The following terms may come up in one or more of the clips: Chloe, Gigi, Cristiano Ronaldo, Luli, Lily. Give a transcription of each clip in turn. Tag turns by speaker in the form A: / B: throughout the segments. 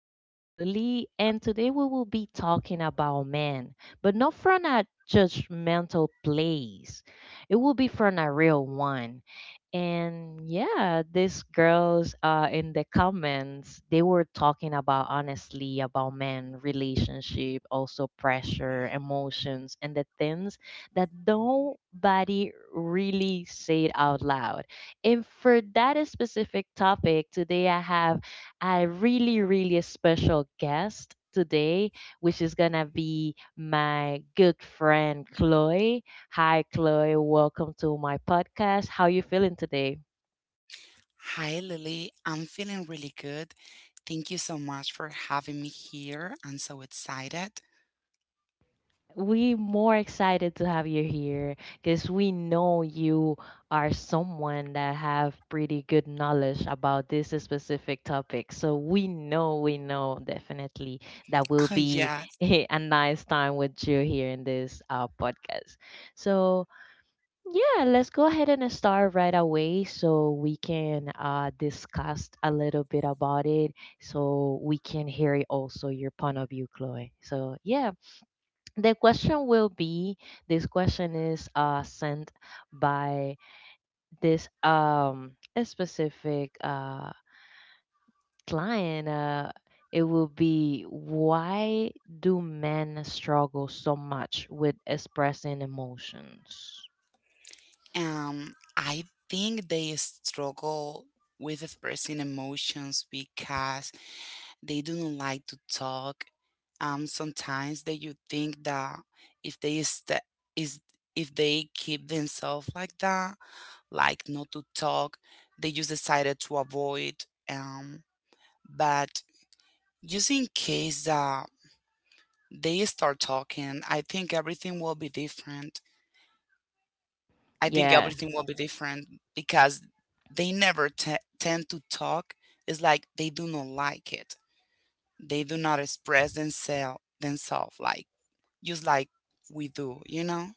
A: This is Lily, and today we will be talking about men, but not from a judgmental place. It will be from a real one. And yeah, these girls in the comments, they were talking about honestly about men, relationship, also pressure, emotions, and the things that nobody really said out loud. And for that specific topic, today I have a really special guest today, which is going to be my good friend Chloe. Hi, Chloe. Welcome to my podcast. How you feeling today?
B: Hi, Lily. I'm feeling really good. Thank you so much for having me here. I'm so excited.
A: We more excited to have you here because we know you are someone that have pretty good knowledge about this specific topic. So we know definitely that will
B: Oh,
A: be
B: yeah.
A: a nice time with you here in this podcast. So yeah, let's go ahead and start right away so we can discuss a little bit about it so we can hear also your point of view, Chloe. So yeah, the question will be, this question is sent by this a specific client, it will be, why do men struggle so much with expressing emotions?
B: I think they struggle with expressing emotions because they do not like to talk. Sometimes that you think that if they st- is if they keep themselves like that, like not to talk, they just decided to avoid. Um, but just in case that they start talking, I think everything will be different. I think
A: Yeah.
B: everything will be different because they never tend to talk. It's like they do not like it. They do not express themselves like just like we do, you know?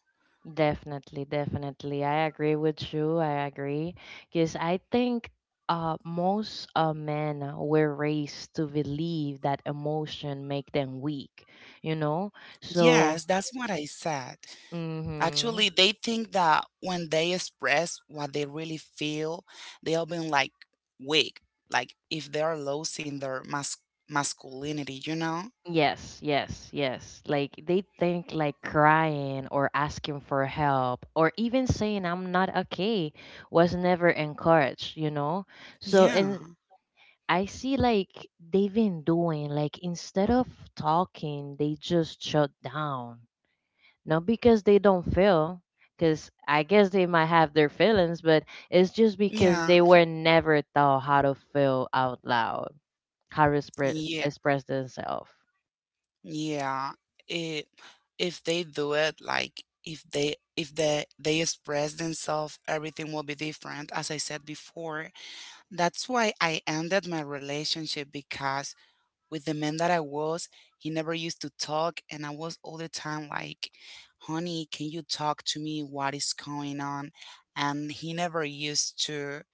A: Definitely, definitely. I agree with you. I agree. Because I think most men were raised to believe that emotion make them weak, you know? So,
B: Yes, that's what I said.
A: mm-hmm.
B: Actually, they think that when they express what they really feel, they'll be like weak, like if they're losing their masculinity, you know?
A: Yes, yes, yes. Like they think like crying or asking for help or even saying I'm not okay was never encouraged, you know? So,
B: Yeah.
A: and I see like they've been doing like instead of talking, they just shut down. Not because they don't feel, because I guess they might have their feelings, but it's just because
B: Yeah.
A: they were never taught how to feel out loud, how to
B: Yeah.
A: express themselves.
B: Yeah. It, if they do it, like if they express themselves, everything will be different. As I said before, that's why I ended my relationship because with the man that I was, he never used to talk, and I was all the time like, "Honey, can you talk to me? What is going on?" And he never used to.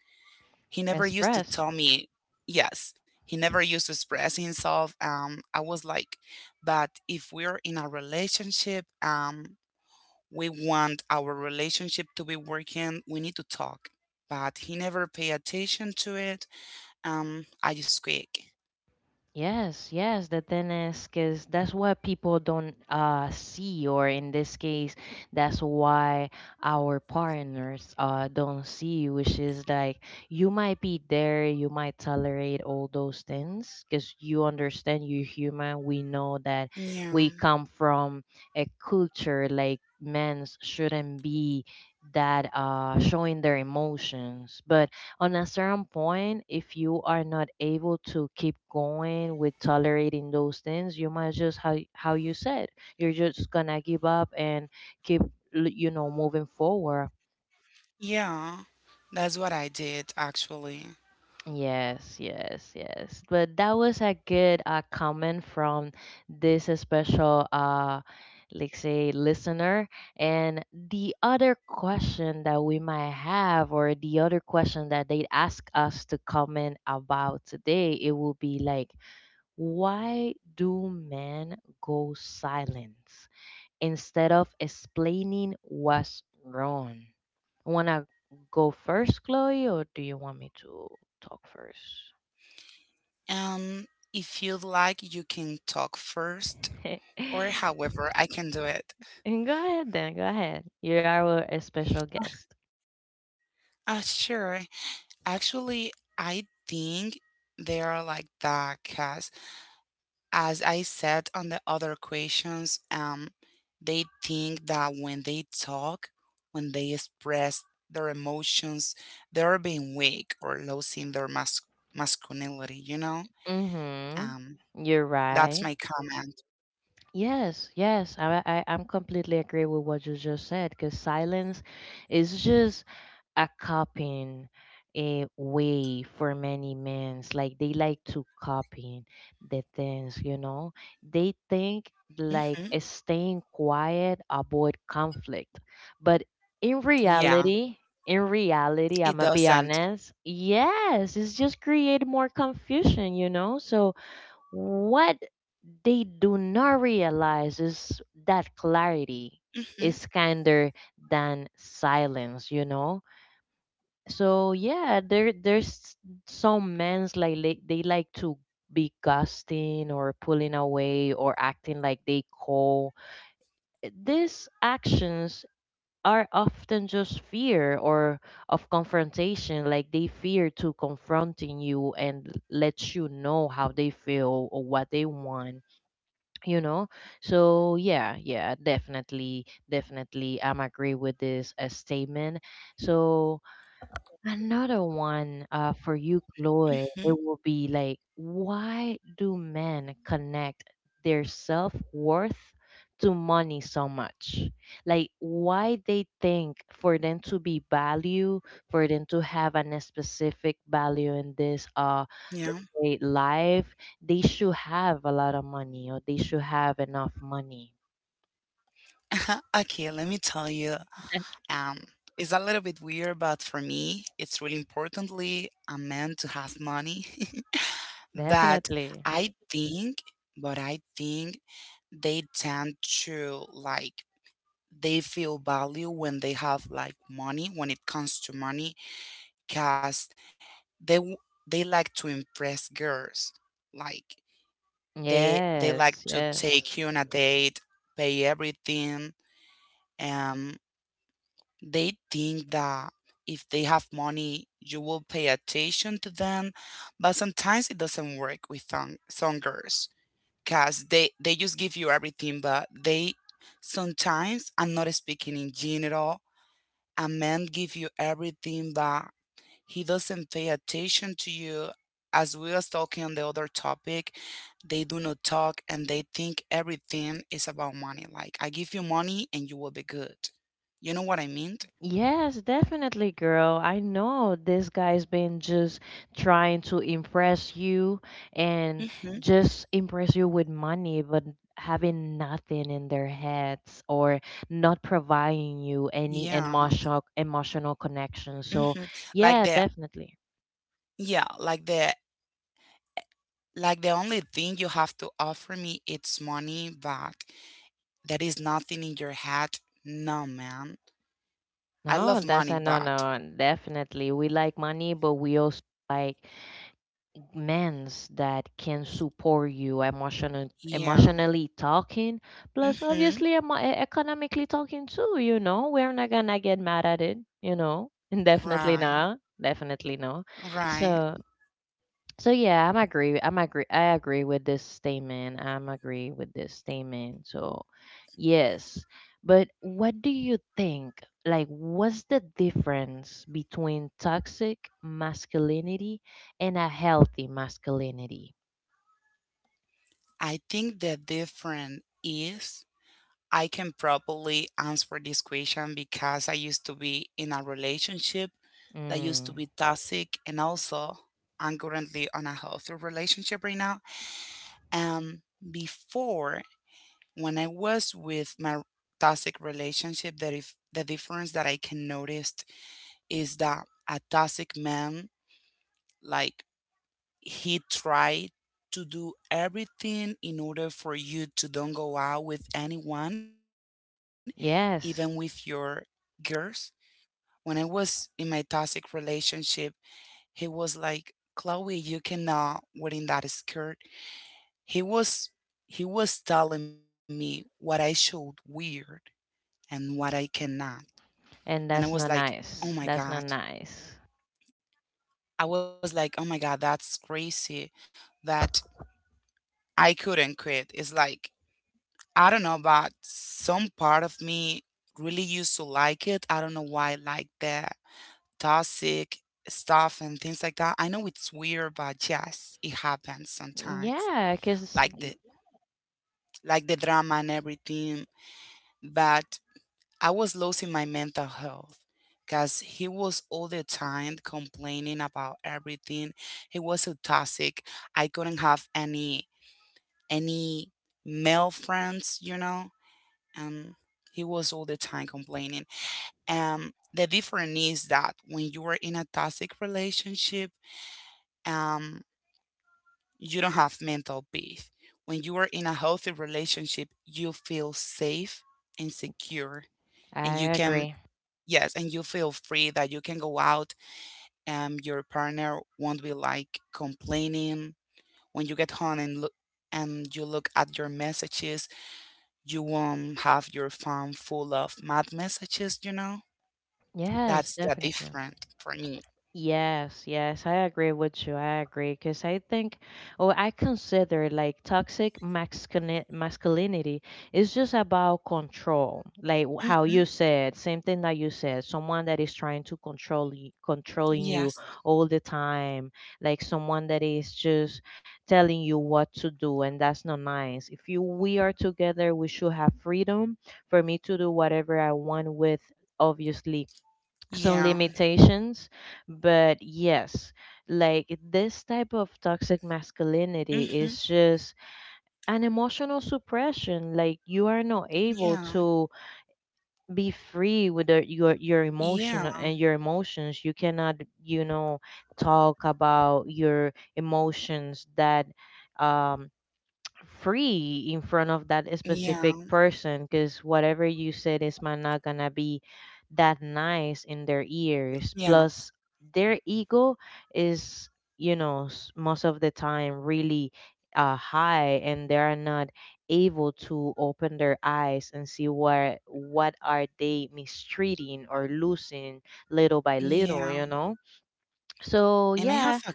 B: He never used to
A: Express.
B: tell me yes. He never used to express himself. I was like, but if we're in a relationship, we want our relationship to be working. We need to talk. But he never pay attention to it. I just quit.
A: Yes, yes, the thing is, because that's what people don't see, or in this case, that's why our partners don't see, which is like, you might be there, you might tolerate all those things, because you understand you're human. We know that
B: Yeah,
A: we come from a culture like men shouldn't be that showing their emotions, but on a certain point, if you are not able to keep going with tolerating those things, you might just how you said, you're just gonna give up and keep you know moving forward.
B: yeah, that's what I did actually.
A: Yes, yes, yes. But that was a good comment from this special like say listener, and the other question that we might have, or the other question that they ask us to comment about today, it will be like, why do men go silent instead of explaining what's wrong? Wanna go first, Chloe, or do you want me to talk first?
B: Um, if you'd like, you can talk first, or however I can do it.
A: And go ahead then, go ahead. You are our special guest.
B: Ah, sure. Actually, I think they are like that because, as I said on the other questions, they think that when they talk, when they express their emotions, they are being weak or losing their masculinity. You know,
A: Mm-hmm.
B: um,
A: You're
B: that's
A: right.
B: my comment.
A: Yes, yes, I'm completely agree with what you just said because silence is just a copying, a way for many men's, like they like to copy the things, you know, they think
B: hmm
A: like staying quiet avoid conflict, but in
B: Yeah,
A: reality,
B: it
A: I'm gonna be
B: doesn't.
A: honest, yes, it's just create more confusion, you know. So what they do not realize is that clarity
B: hmm
A: is kinder than silence, you know. So yeah, there's some men's like they like to be gusting or pulling away or acting like they cool. These actions are often just fear or of confrontation, like they fear to confronting you and let you know how they feel or what they want, you know. So yeah, yeah, definitely, definitely, I'm agree with this statement. So another one for you, Chloe, it
B: hmm
A: will be like, why do men connect their self worth to money so much? Like, why they think for them to be value, for them to have an specific value in this
B: Yeah.
A: say, life, they should have a lot of money or they should have enough money.
B: Okay, let me tell you. Um, it's a little bit weird, but for me, it's really importantly a man to have money that
A: Definitely.
B: I think, but I think they tend to like they feel value when they have like money when it comes to money because they w- they like to impress girls like they like
A: Yes,
B: to
A: yes.
B: take you on a date, pay everything, um they think that if they have money, you will pay attention to them. But sometimes it doesn't work with songers because they just give you everything, but they sometimes, I'm not speaking in general, a man give you everything, but he doesn't pay attention to you. As we was talking on the other topic, they do not talk and they think everything is about money. Like, I give you money and you will be good. You know what I mean?
A: Yes, definitely, girl. I know this guy's been just trying to impress you and just impress you with money, but having nothing in their heads or not providing you any
B: Yeah.
A: emotional connection. So,
B: hmm Like
A: yeah,
B: the
A: definitely.
B: Yeah, like the like the only thing you have to offer me it's money, but that is nothing in your head. No, man. I
A: No,
B: love
A: that's
B: money,
A: a no
B: but
A: no. Definitely. We like money, but we also like men's that can support you
B: yeah.
A: emotionally talking, plus
B: hmm
A: obviously economically talking too. You know, we're not gonna get mad at it. You know, definitely
B: Right.
A: not, definitely no.
B: Right.
A: So so yeah, I'm agree. I'm agree. I agree with this statement. I'm agree with this statement. So, yes. But what do you think? Like, what's the difference between toxic masculinity and a healthy masculinity?
B: I think the difference is I can properly answer this question because I used to be in a relationship that used to
A: Mm,
B: be toxic and also I'm currently on a healthy relationship right now. Um, Before, when I was with my toxic relationship, that if the difference that I can noticed is that a toxic man, like he tried to do everything in order for you to don't go out with anyone, even with your
A: yes.
B: girls. When I was in my toxic relationship, he was like, "Chloe, you cannot wear in that skirt." He was he was telling me what I should wear and what I cannot.
A: And that's
B: And I
A: not
B: was like,
A: nice.
B: "Oh
A: That's
B: my
A: not
B: God."
A: nice.
B: I was like, "Oh my God, that's crazy that I couldn't quit." It's like I don't know, but some part of me really used to like it. I don't know why I like that toxic stuff and things like that. I know it's weird, but yes, it happens
A: Mm,
B: sometimes.
A: yeah, because
B: Like the like the drama and everything. But I was losing my mental health because he was all the time complaining about everything. He was so toxic. I couldn't have any male friends, you know, and he was all the time complaining. The difference is that when you are in a toxic relationship, um, you don't have mental peace. When you are in a healthy relationship, you feel safe and secure, and you
A: I
B: can,
A: agree.
B: yes, and you feel free that you can go out and your partner won't be like complaining. When you get home and look and you look at your messages, you won't have your phone full of mad messages, you know?
A: Yes,
B: That's the
A: definitely.
B: different for me.
A: Yes, yes, I agree with you. I agree because I think, or I consider like toxic masculinity is just about control. Like how
B: hmm
A: you said, same thing that you said, someone that is trying to controlling you
B: Yes.
A: all the time, like someone that is just telling you what to do, and that's not nice. If you we are together, we should have freedom for me to do whatever I want with. Obviously, some
B: Yeah.
A: limitations, but yes, like this type of toxic masculinity
B: hmm
A: is just an emotional suppression, like you are not able
B: Yeah.
A: to be free with the, your emotion
B: Yeah.
A: and your emotions, you cannot, you know, talk about your emotions that um free in front of that
B: Yeah.
A: specific person because whatever you said is might not gonna be that nice in their ears.
B: Yeah.
A: Plus, their ego is, you know, most of the time really high, and they are not able to open their eyes and see what are they mistreating or losing little by little. You
B: Yeah.
A: know. So
B: And I have
A: yeah.
B: a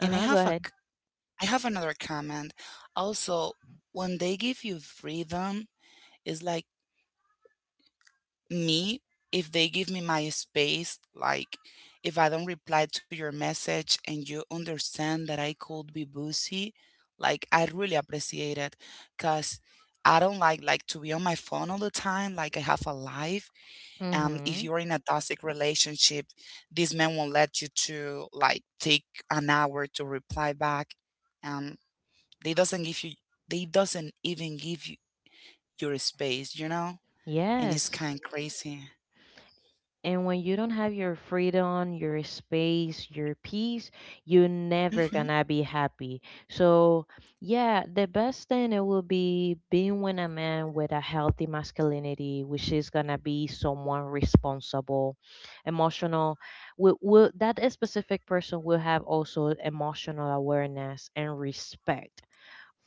A: Uh
B: and I
A: huh. Go
B: have a
A: ahead.
B: c- I have another comment. Also, when they give you freedom, it's like me, if they give me my space, like if I don't reply to your message and you understand that I could be busy, like I really appreciate it because I don't like to be on my phone all the time, like I have a life.
A: Mm
B: And if
A: hmm.
B: you're in a toxic relationship, this man won't let you to like take an hour to reply back, and they doesn't give you they doesn't even give you your space, you know, and it's
A: Yes.
B: kind of crazy.
A: And when you don't have your freedom, your space, your peace, you're never gonna be happy. So, yeah, the best thing it will be being with a man with a healthy masculinity, which is gonna be someone responsible, emotional. Will that specific person will have also emotional awareness and respect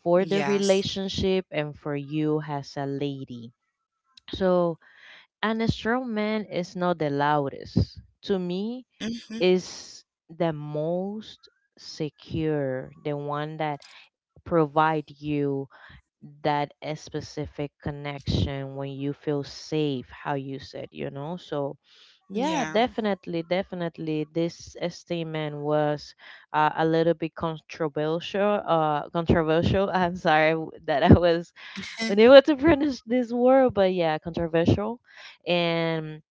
A: for the
B: Yes.
A: relationship and for you as a lady. So and a strong man is not the loudest. To me,
B: hmm
A: is the most secure, the one that provide you that a specific connection when you feel safe, how you said, you know. So yeah,
B: Yeah.
A: definitely, definitely, this statement was a little bit controversial. Controversial. I'm sorry that I was unable to pronounce this word, but yeah, controversial, and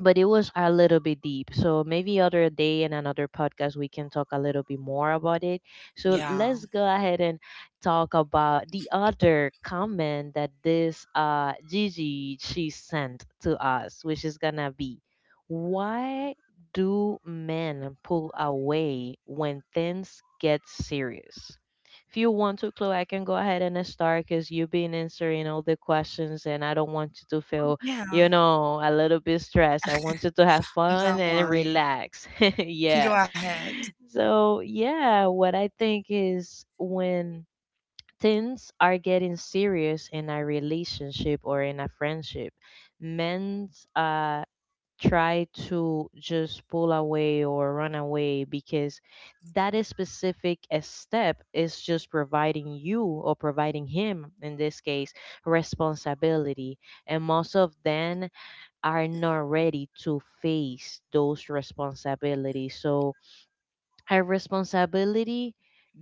A: but it was a little bit deep. So maybe other day in another podcast we can talk a little bit more about it. So
B: Yeah.
A: let's go ahead and talk about the other comment that this Gigi she sent to us, which is gonna be, why do men pull away when things get serious? If you want to, Chloe, I can go ahead and start because you've been answering all the questions, and I don't want you to feel,
B: Yeah.
A: you know, a little bit stressed. I wanted to have fun
B: Don't
A: and
B: worry.
A: relax. Yeah.
B: Go ahead.
A: So, yeah, what I think is when things are getting serious in a relationship or in a friendship, men uh, try to just pull away or run away because that is specific a step is just providing you or providing him, in this case, responsibility. And most of them are not ready to face those responsibilities. So, a responsibility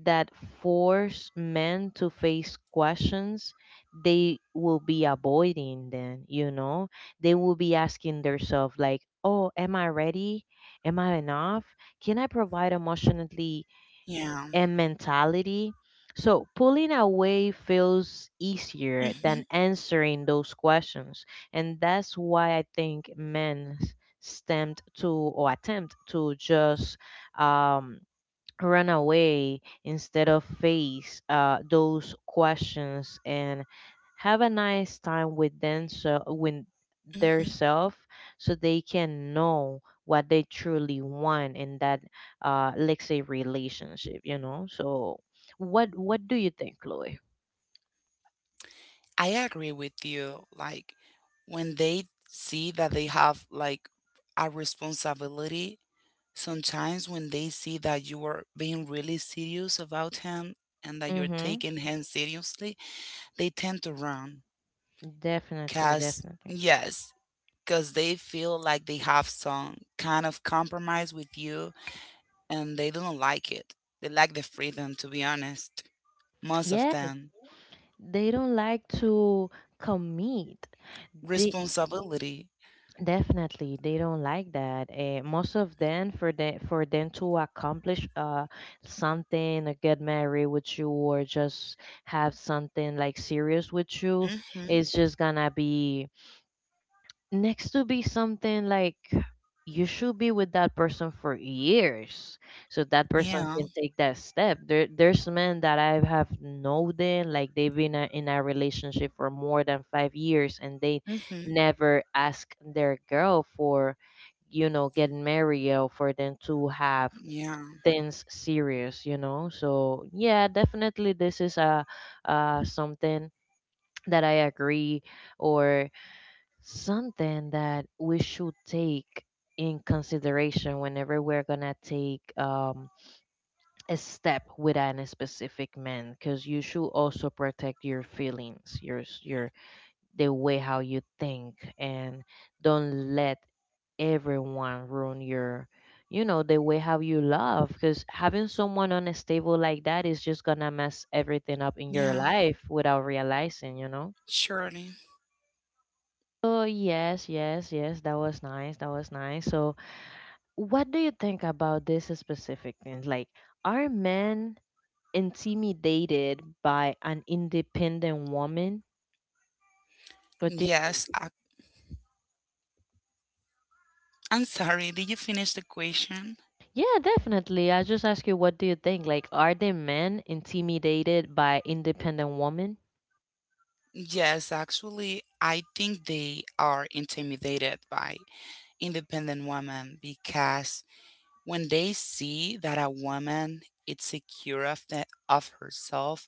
A: that force men to face questions they will be avoiding then, you know, they will be asking themselves like, oh, am I ready? Am I enough? Can I provide emotionally
B: Yeah.
A: and mentality? So pulling away feels easier
B: hmm
A: than answering those questions. And that's why I think men stemmed to or attempt to just um, run away instead of face those questions and have a nice time with them so with their
B: hmm
A: self so they can know what they truly want in that let's say relationship, you know. So what do you think, Chloe?
B: I agree with you. Like when they see that they have like a responsibility, sometimes when they see that you are being really serious about him and that you're
A: Mm-hmm.
B: taking him seriously, they tend to run.
A: Definitely,
B: Cause
A: definitely.
B: yes, cause they feel like they have some kind of compromise with you and they don't like it. They like the freedom, to be honest. Most of
A: Yeah,
B: them.
A: they don't like to commit. They.
B: Responsibility.
A: Definitely, they don't like that. Most of them, for them, for them to accomplish something, or get married with you, or just have something like serious with you,
B: Mm-hmm.
A: it's just gonna be next to be something like you should be with that person for years so that person
B: Yeah.
A: can take that step there's men that I have known them like they've been in a relationship for more than 5 years and they
B: Mm-hmm.
A: never ask their girl for get married or for them to have
B: Yeah.
A: things serious, you know. So yeah, definitely this is a something that I agree or something that we should take in consideration whenever we're gonna take a step with a specific man, because you should also protect your feelings, your the way how you think, and don't let everyone ruin your the way how you love, because having someone unstable like that is just gonna mess everything up in your
B: Yeah.
A: life without realizing, you know.
B: Surely.
A: Oh, yes, yes, yes. That was nice. That was nice. So, what do you think about this specific thing? Like, are men intimidated by an independent woman? What do you
B: Yes.
A: think?
B: I, I'm sorry. Did you finish the question?
A: Yeah, definitely. I just ask you, what do you think? Like, are the men intimidated by independent women?
B: Yes, actually, I think they are intimidated by independent women because when they see that a woman is secure of, the, of herself,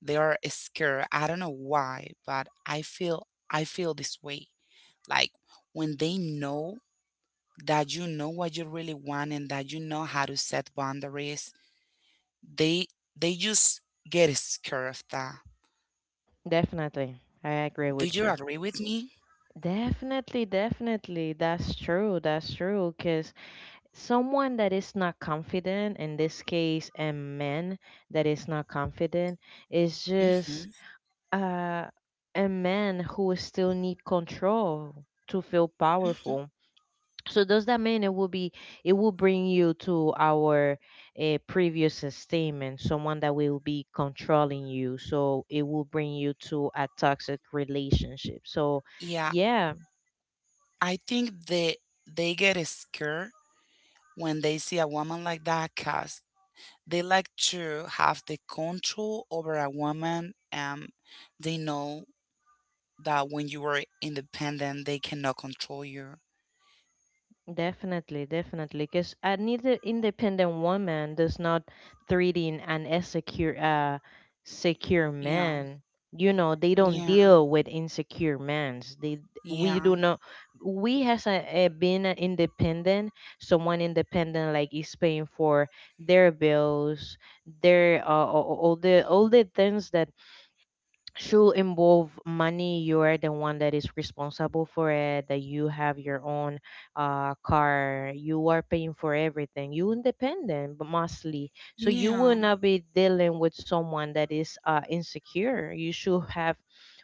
B: they are scared. I don't know why, but I feel this way. Like when they know that you know what you really want and that you know how to set boundaries, they they just get scared of that.
A: Definitely. I agree
B: Do
A: with
B: you
A: you.
B: agree with me?
A: Definitely, definitely. That's true. That's true. Cause someone that is not confident, in this case a man that is not confident, is just
B: hmm
A: uh, a man who still need control to feel powerful. So does that mean it will be, it will bring you to our previous statement, someone that will be controlling you, so it will bring you to a toxic relationship. So
B: Yeah,
A: yeah.
B: I think they get scared when they see a woman like that because they like to have the control over a woman. They know that when you are independent, they cannot control you.
A: Definitely, definitely, because another independent woman does not treating an insecure, secure
B: Yeah,
A: man. You know, they don't
B: yeah,
A: deal with insecure men. They, we
B: yeah,
A: do not. We has a been an independent, someone independent, like is paying for their bills, their all the things that should involve money, you are the one that is responsible for it, that you have your own car, you are paying for everything, you independent, but mostly so you will
B: yeah,
A: not be dealing with someone that is insecure. You should have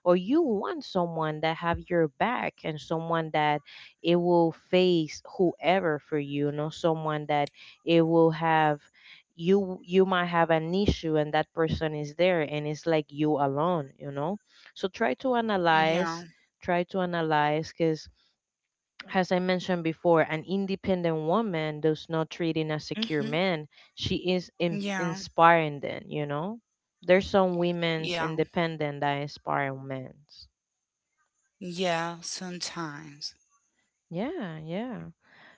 A: or you want someone that have your back and someone that it will face whoever for you, not someone that it will have you, you might have an issue and that person is there and it's like you alone, you know. So try to
B: yeah,
A: analyze try to analyze because as I mentioned before, an independent woman does not treat in a secure
B: hmm
A: man. She is
B: yeah,
A: inspiring, then you know there's some women's
B: yeah,
A: independent that inspire men's.
B: yeah, sometimes.
A: Yeah, yeah.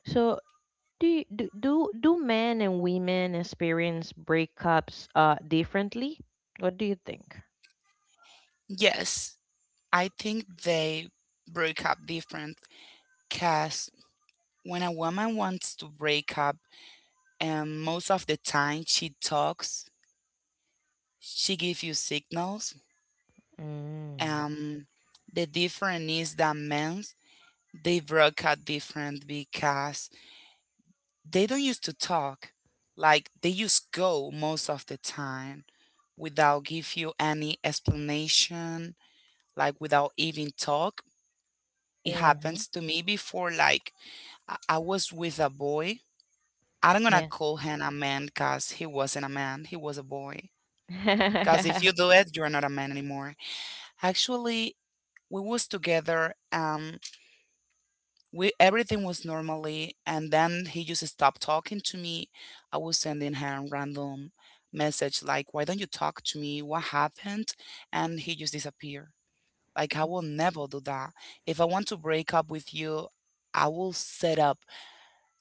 A: So do, you- do do do men and women experience breakups differently? What do you think?
B: Yes, I think they break up different because when a woman wants to break up, and most of the time she talks, she gives you signals.
A: Mm.
B: Um, the difference is that men, they broke up different because they don't used to talk, like they just go most of the time without give you any explanation, like without even talk. It
A: Mm-hmm.
B: happens to me before, like I was with a boy. I'm gonna
A: Yes.
B: call him a man because he wasn't a man, he was a boy, because if you do it you're not a man anymore. Actually, we was together, we everything was normally and then he just stopped talking to me. I was sending him random message like, why don't you talk to me, what happened? And he just disappeared. Like I will never do that. If I want to break up with you, i will set up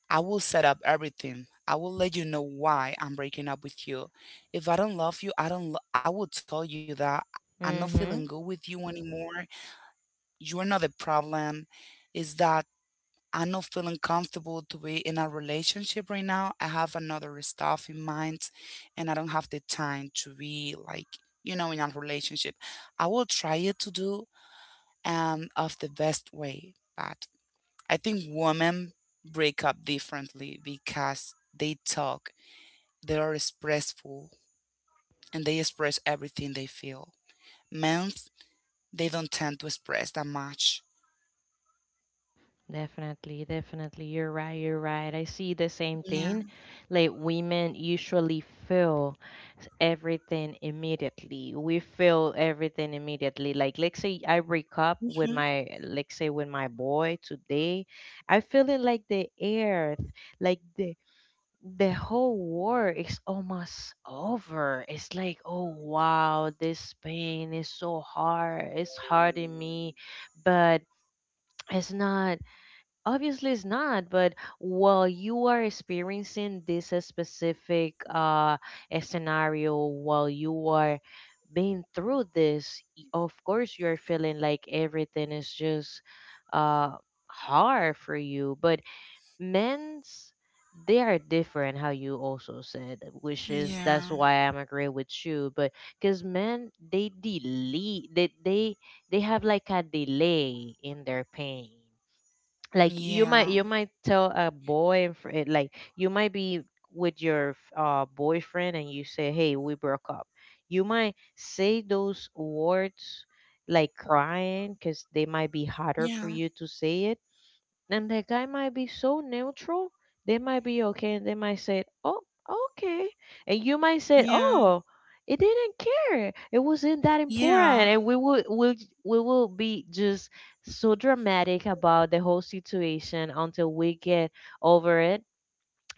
B: I will set up everything, I will let you know why I'm breaking up with you. If I don't love you, I don't lo- I will tell you that I'm not feeling good
A: Mm-hmm.
B: with you anymore. You're not the problem, is that I'm not feeling comfortable to be in a relationship right now. I have another stuff in mind and I don't have the time to be like, you know, in a relationship. I will try it to do of the best way, but I think women break up differently because they talk, they are expressful and they express everything they feel. Men, they don't tend to express that much.
A: Definitely, definitely. You're right, you're right. I see the same
B: Yeah.
A: thing. Like women usually feel everything immediately. We feel everything immediately. Like let's say I break up with
B: hmm
A: my, let's say with my boy today. I feel it like the earth, like the whole war is almost over. It's like, oh wow, this pain is so hard. It's hurting me, but it's not. Obviously, it's not. But while you are experiencing this specific scenario, while you are being through this, of course, you are feeling like everything is just uh hard for you. But men's, they are different how you also said, which is that's
B: Yeah.
A: why I'm agree with you. But because men, they delay, they they have like a delay in their pain. Like you might, you
B: Yeah.
A: might tell a boy like you might be with your boyfriend and you say hey we broke up, you might say those words like crying, because they might be harder for
B: Yeah.
A: you to say it. And the guy might be so neutral, they might be okay and they might say oh, okay. And you might say
B: Yeah.
A: oh, it didn't care, it wasn't that important.
B: Yeah,
A: And we will we will be just so dramatic about the whole situation until we get over it.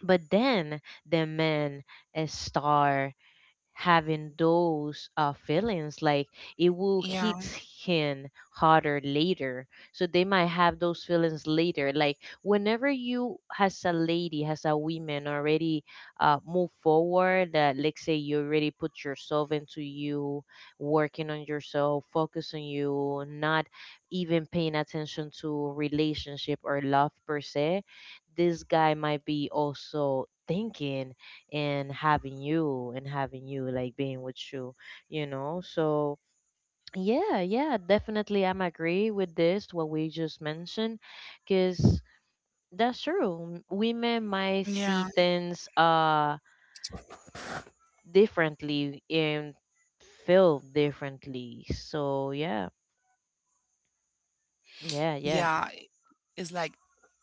A: But then the man, a star having those feelings, like it will
B: yeah,
A: hit him harder later. So they might have those feelings later, like whenever you as a lady, as a woman already move forward, that let's say you already put yourself into you working on yourself, focus on you, not even paying attention to relationship or love per se, this guy might be also thinking and having you like being with you, you know. So yeah, yeah, definitely I'm agree with this, what we just mentioned. Because that's true, women might
B: yeah,
A: see things differently and feel differently. So yeah. Yeah, yeah.
B: yeah. It's like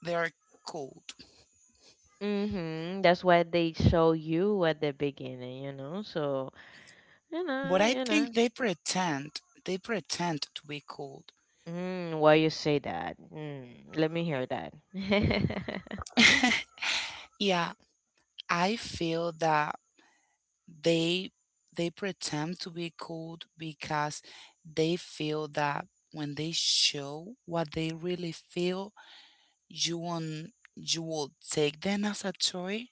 B: they're cold,
A: Mm-hmm, that's what they show you at the beginning, you know. So you know,
B: but I
A: you know.
B: think they pretend. They pretend to be cold.
A: Mm, why you say that? Mm, let me hear that.
B: Yeah, I feel that they they pretend to be cold because they feel that when they show what they really feel, you won't you will take them as a toy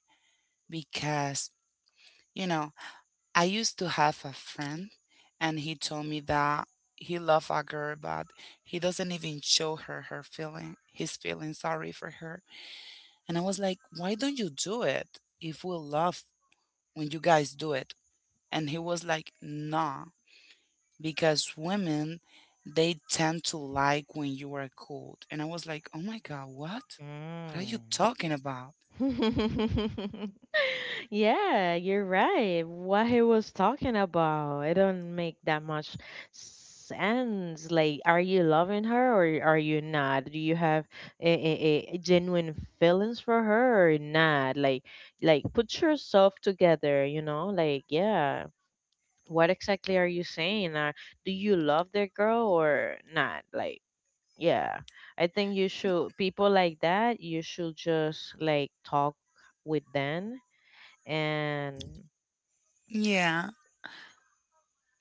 B: because you know I used to have a friend, and he told me that he loved a girl, but he doesn't even show her her feeling, his feeling sorry for her. And I was like, why don't you do it, if we love when you guys do it? And he was like, nah, because women, they tend to like when you are cold. And I was like, oh my God, what? What are you
A: Mm.
B: talking about?
A: Yeah, you're right. What he was talking about, it don't make that much sense. Like, are you loving her or are you not? Do you have a genuine feelings for her or not? Like put yourself together, you know? Like, yeah. What exactly are you saying? Do you love that girl or not? Like, yeah, I think you should, people like that you should just like talk with them and,
B: Yeah.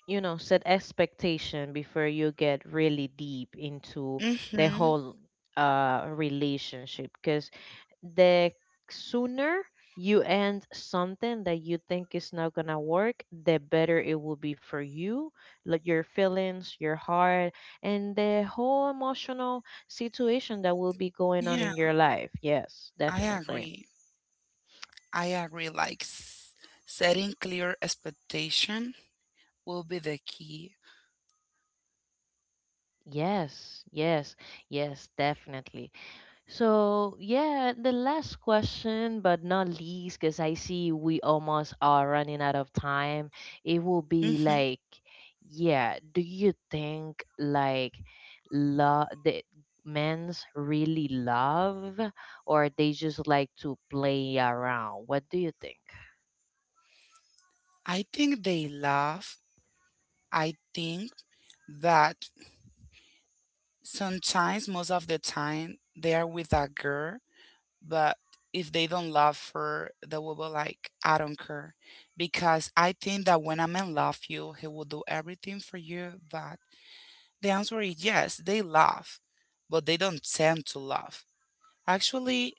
A: you know, set expectation before you get really deep into the
B: Mm-hmm.
A: whole relationship. Because the sooner you end something that you think is not gonna work, the better it will be for you, like your feelings, your heart, and the whole emotional situation that will be going on
B: Yeah,
A: in your life. Yes,
B: I
A: definitely.
B: agree. I agree. Like setting clear expectation will be the key.
A: Yes, yes. Yes, definitely. So, yeah, the last question, but not least, because I see we almost are running out of time, it will be
B: hmm
A: like, yeah, do you think like love, the men's really love or they just like to play around? What do you think?
B: I think they love. I think that sometimes, most of the time, they are with a girl, but if they don't love her, they will be like, I don't care. Because I think that when a man loves you, he will do everything for you. But the answer is yes, they love, but they don't tend to love. Actually,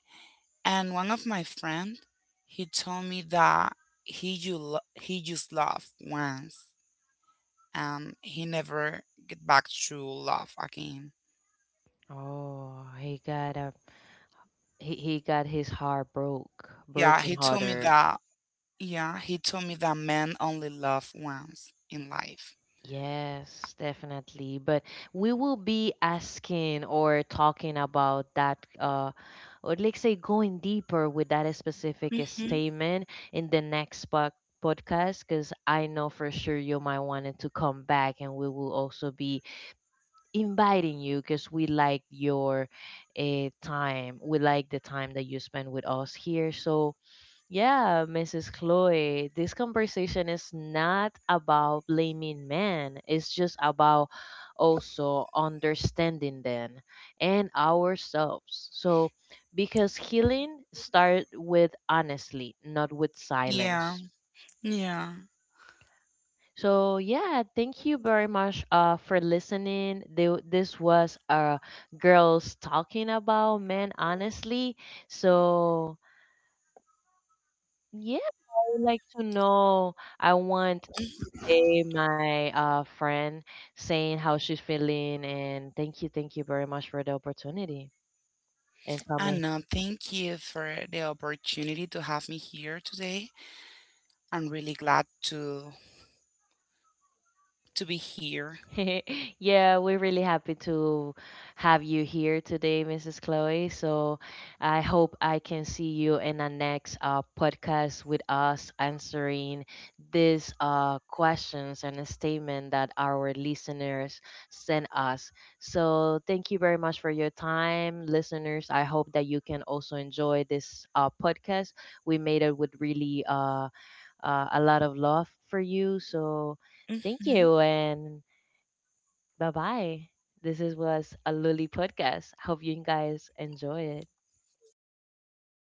B: and one of my friend, he told me that he you he just laughed once and he never get back to love again.
A: Oh, he got a, he got his heart
B: Yeah,
A: broken
B: he told me
A: harder.
B: that. Yeah, he told me that men only love once in life.
A: Yes, definitely. But we will be asking or talking about that, or let's say going deeper with that specific
B: hmm
A: statement in the next podcast, because I know for sure you might want to come back, and we will also be inviting you, because we like your time. We like the time that you spend with us here. So yeah, Mrs. Chloe, this conversation is not about blaming men. It's just about also understanding them and ourselves. So, because healing starts with honestly, not with silence.
B: Yeah, yeah.
A: So, yeah, thank you very much for listening. This was girls talking about men honestly. So, yeah, I would like to know. I want day my friend saying how she's feeling, and thank you, thank you very much for the opportunity and
B: I
A: coming.
B: know. Thank you for the opportunity to have me here today. I'm really glad to to be here.
A: Yeah, we're really happy to have you here today, Mrs. Chloe. So I hope I can see you in the next podcast with us answering these questions and a statement that our listeners sent us. So thank you very much for your time, listeners. I hope that you can also enjoy this podcast. We made it with really a lot of love for you. So thank
B: hmm
A: you and bye bye. Was a Luli podcast. Hope you guys enjoy it.
B: Okay,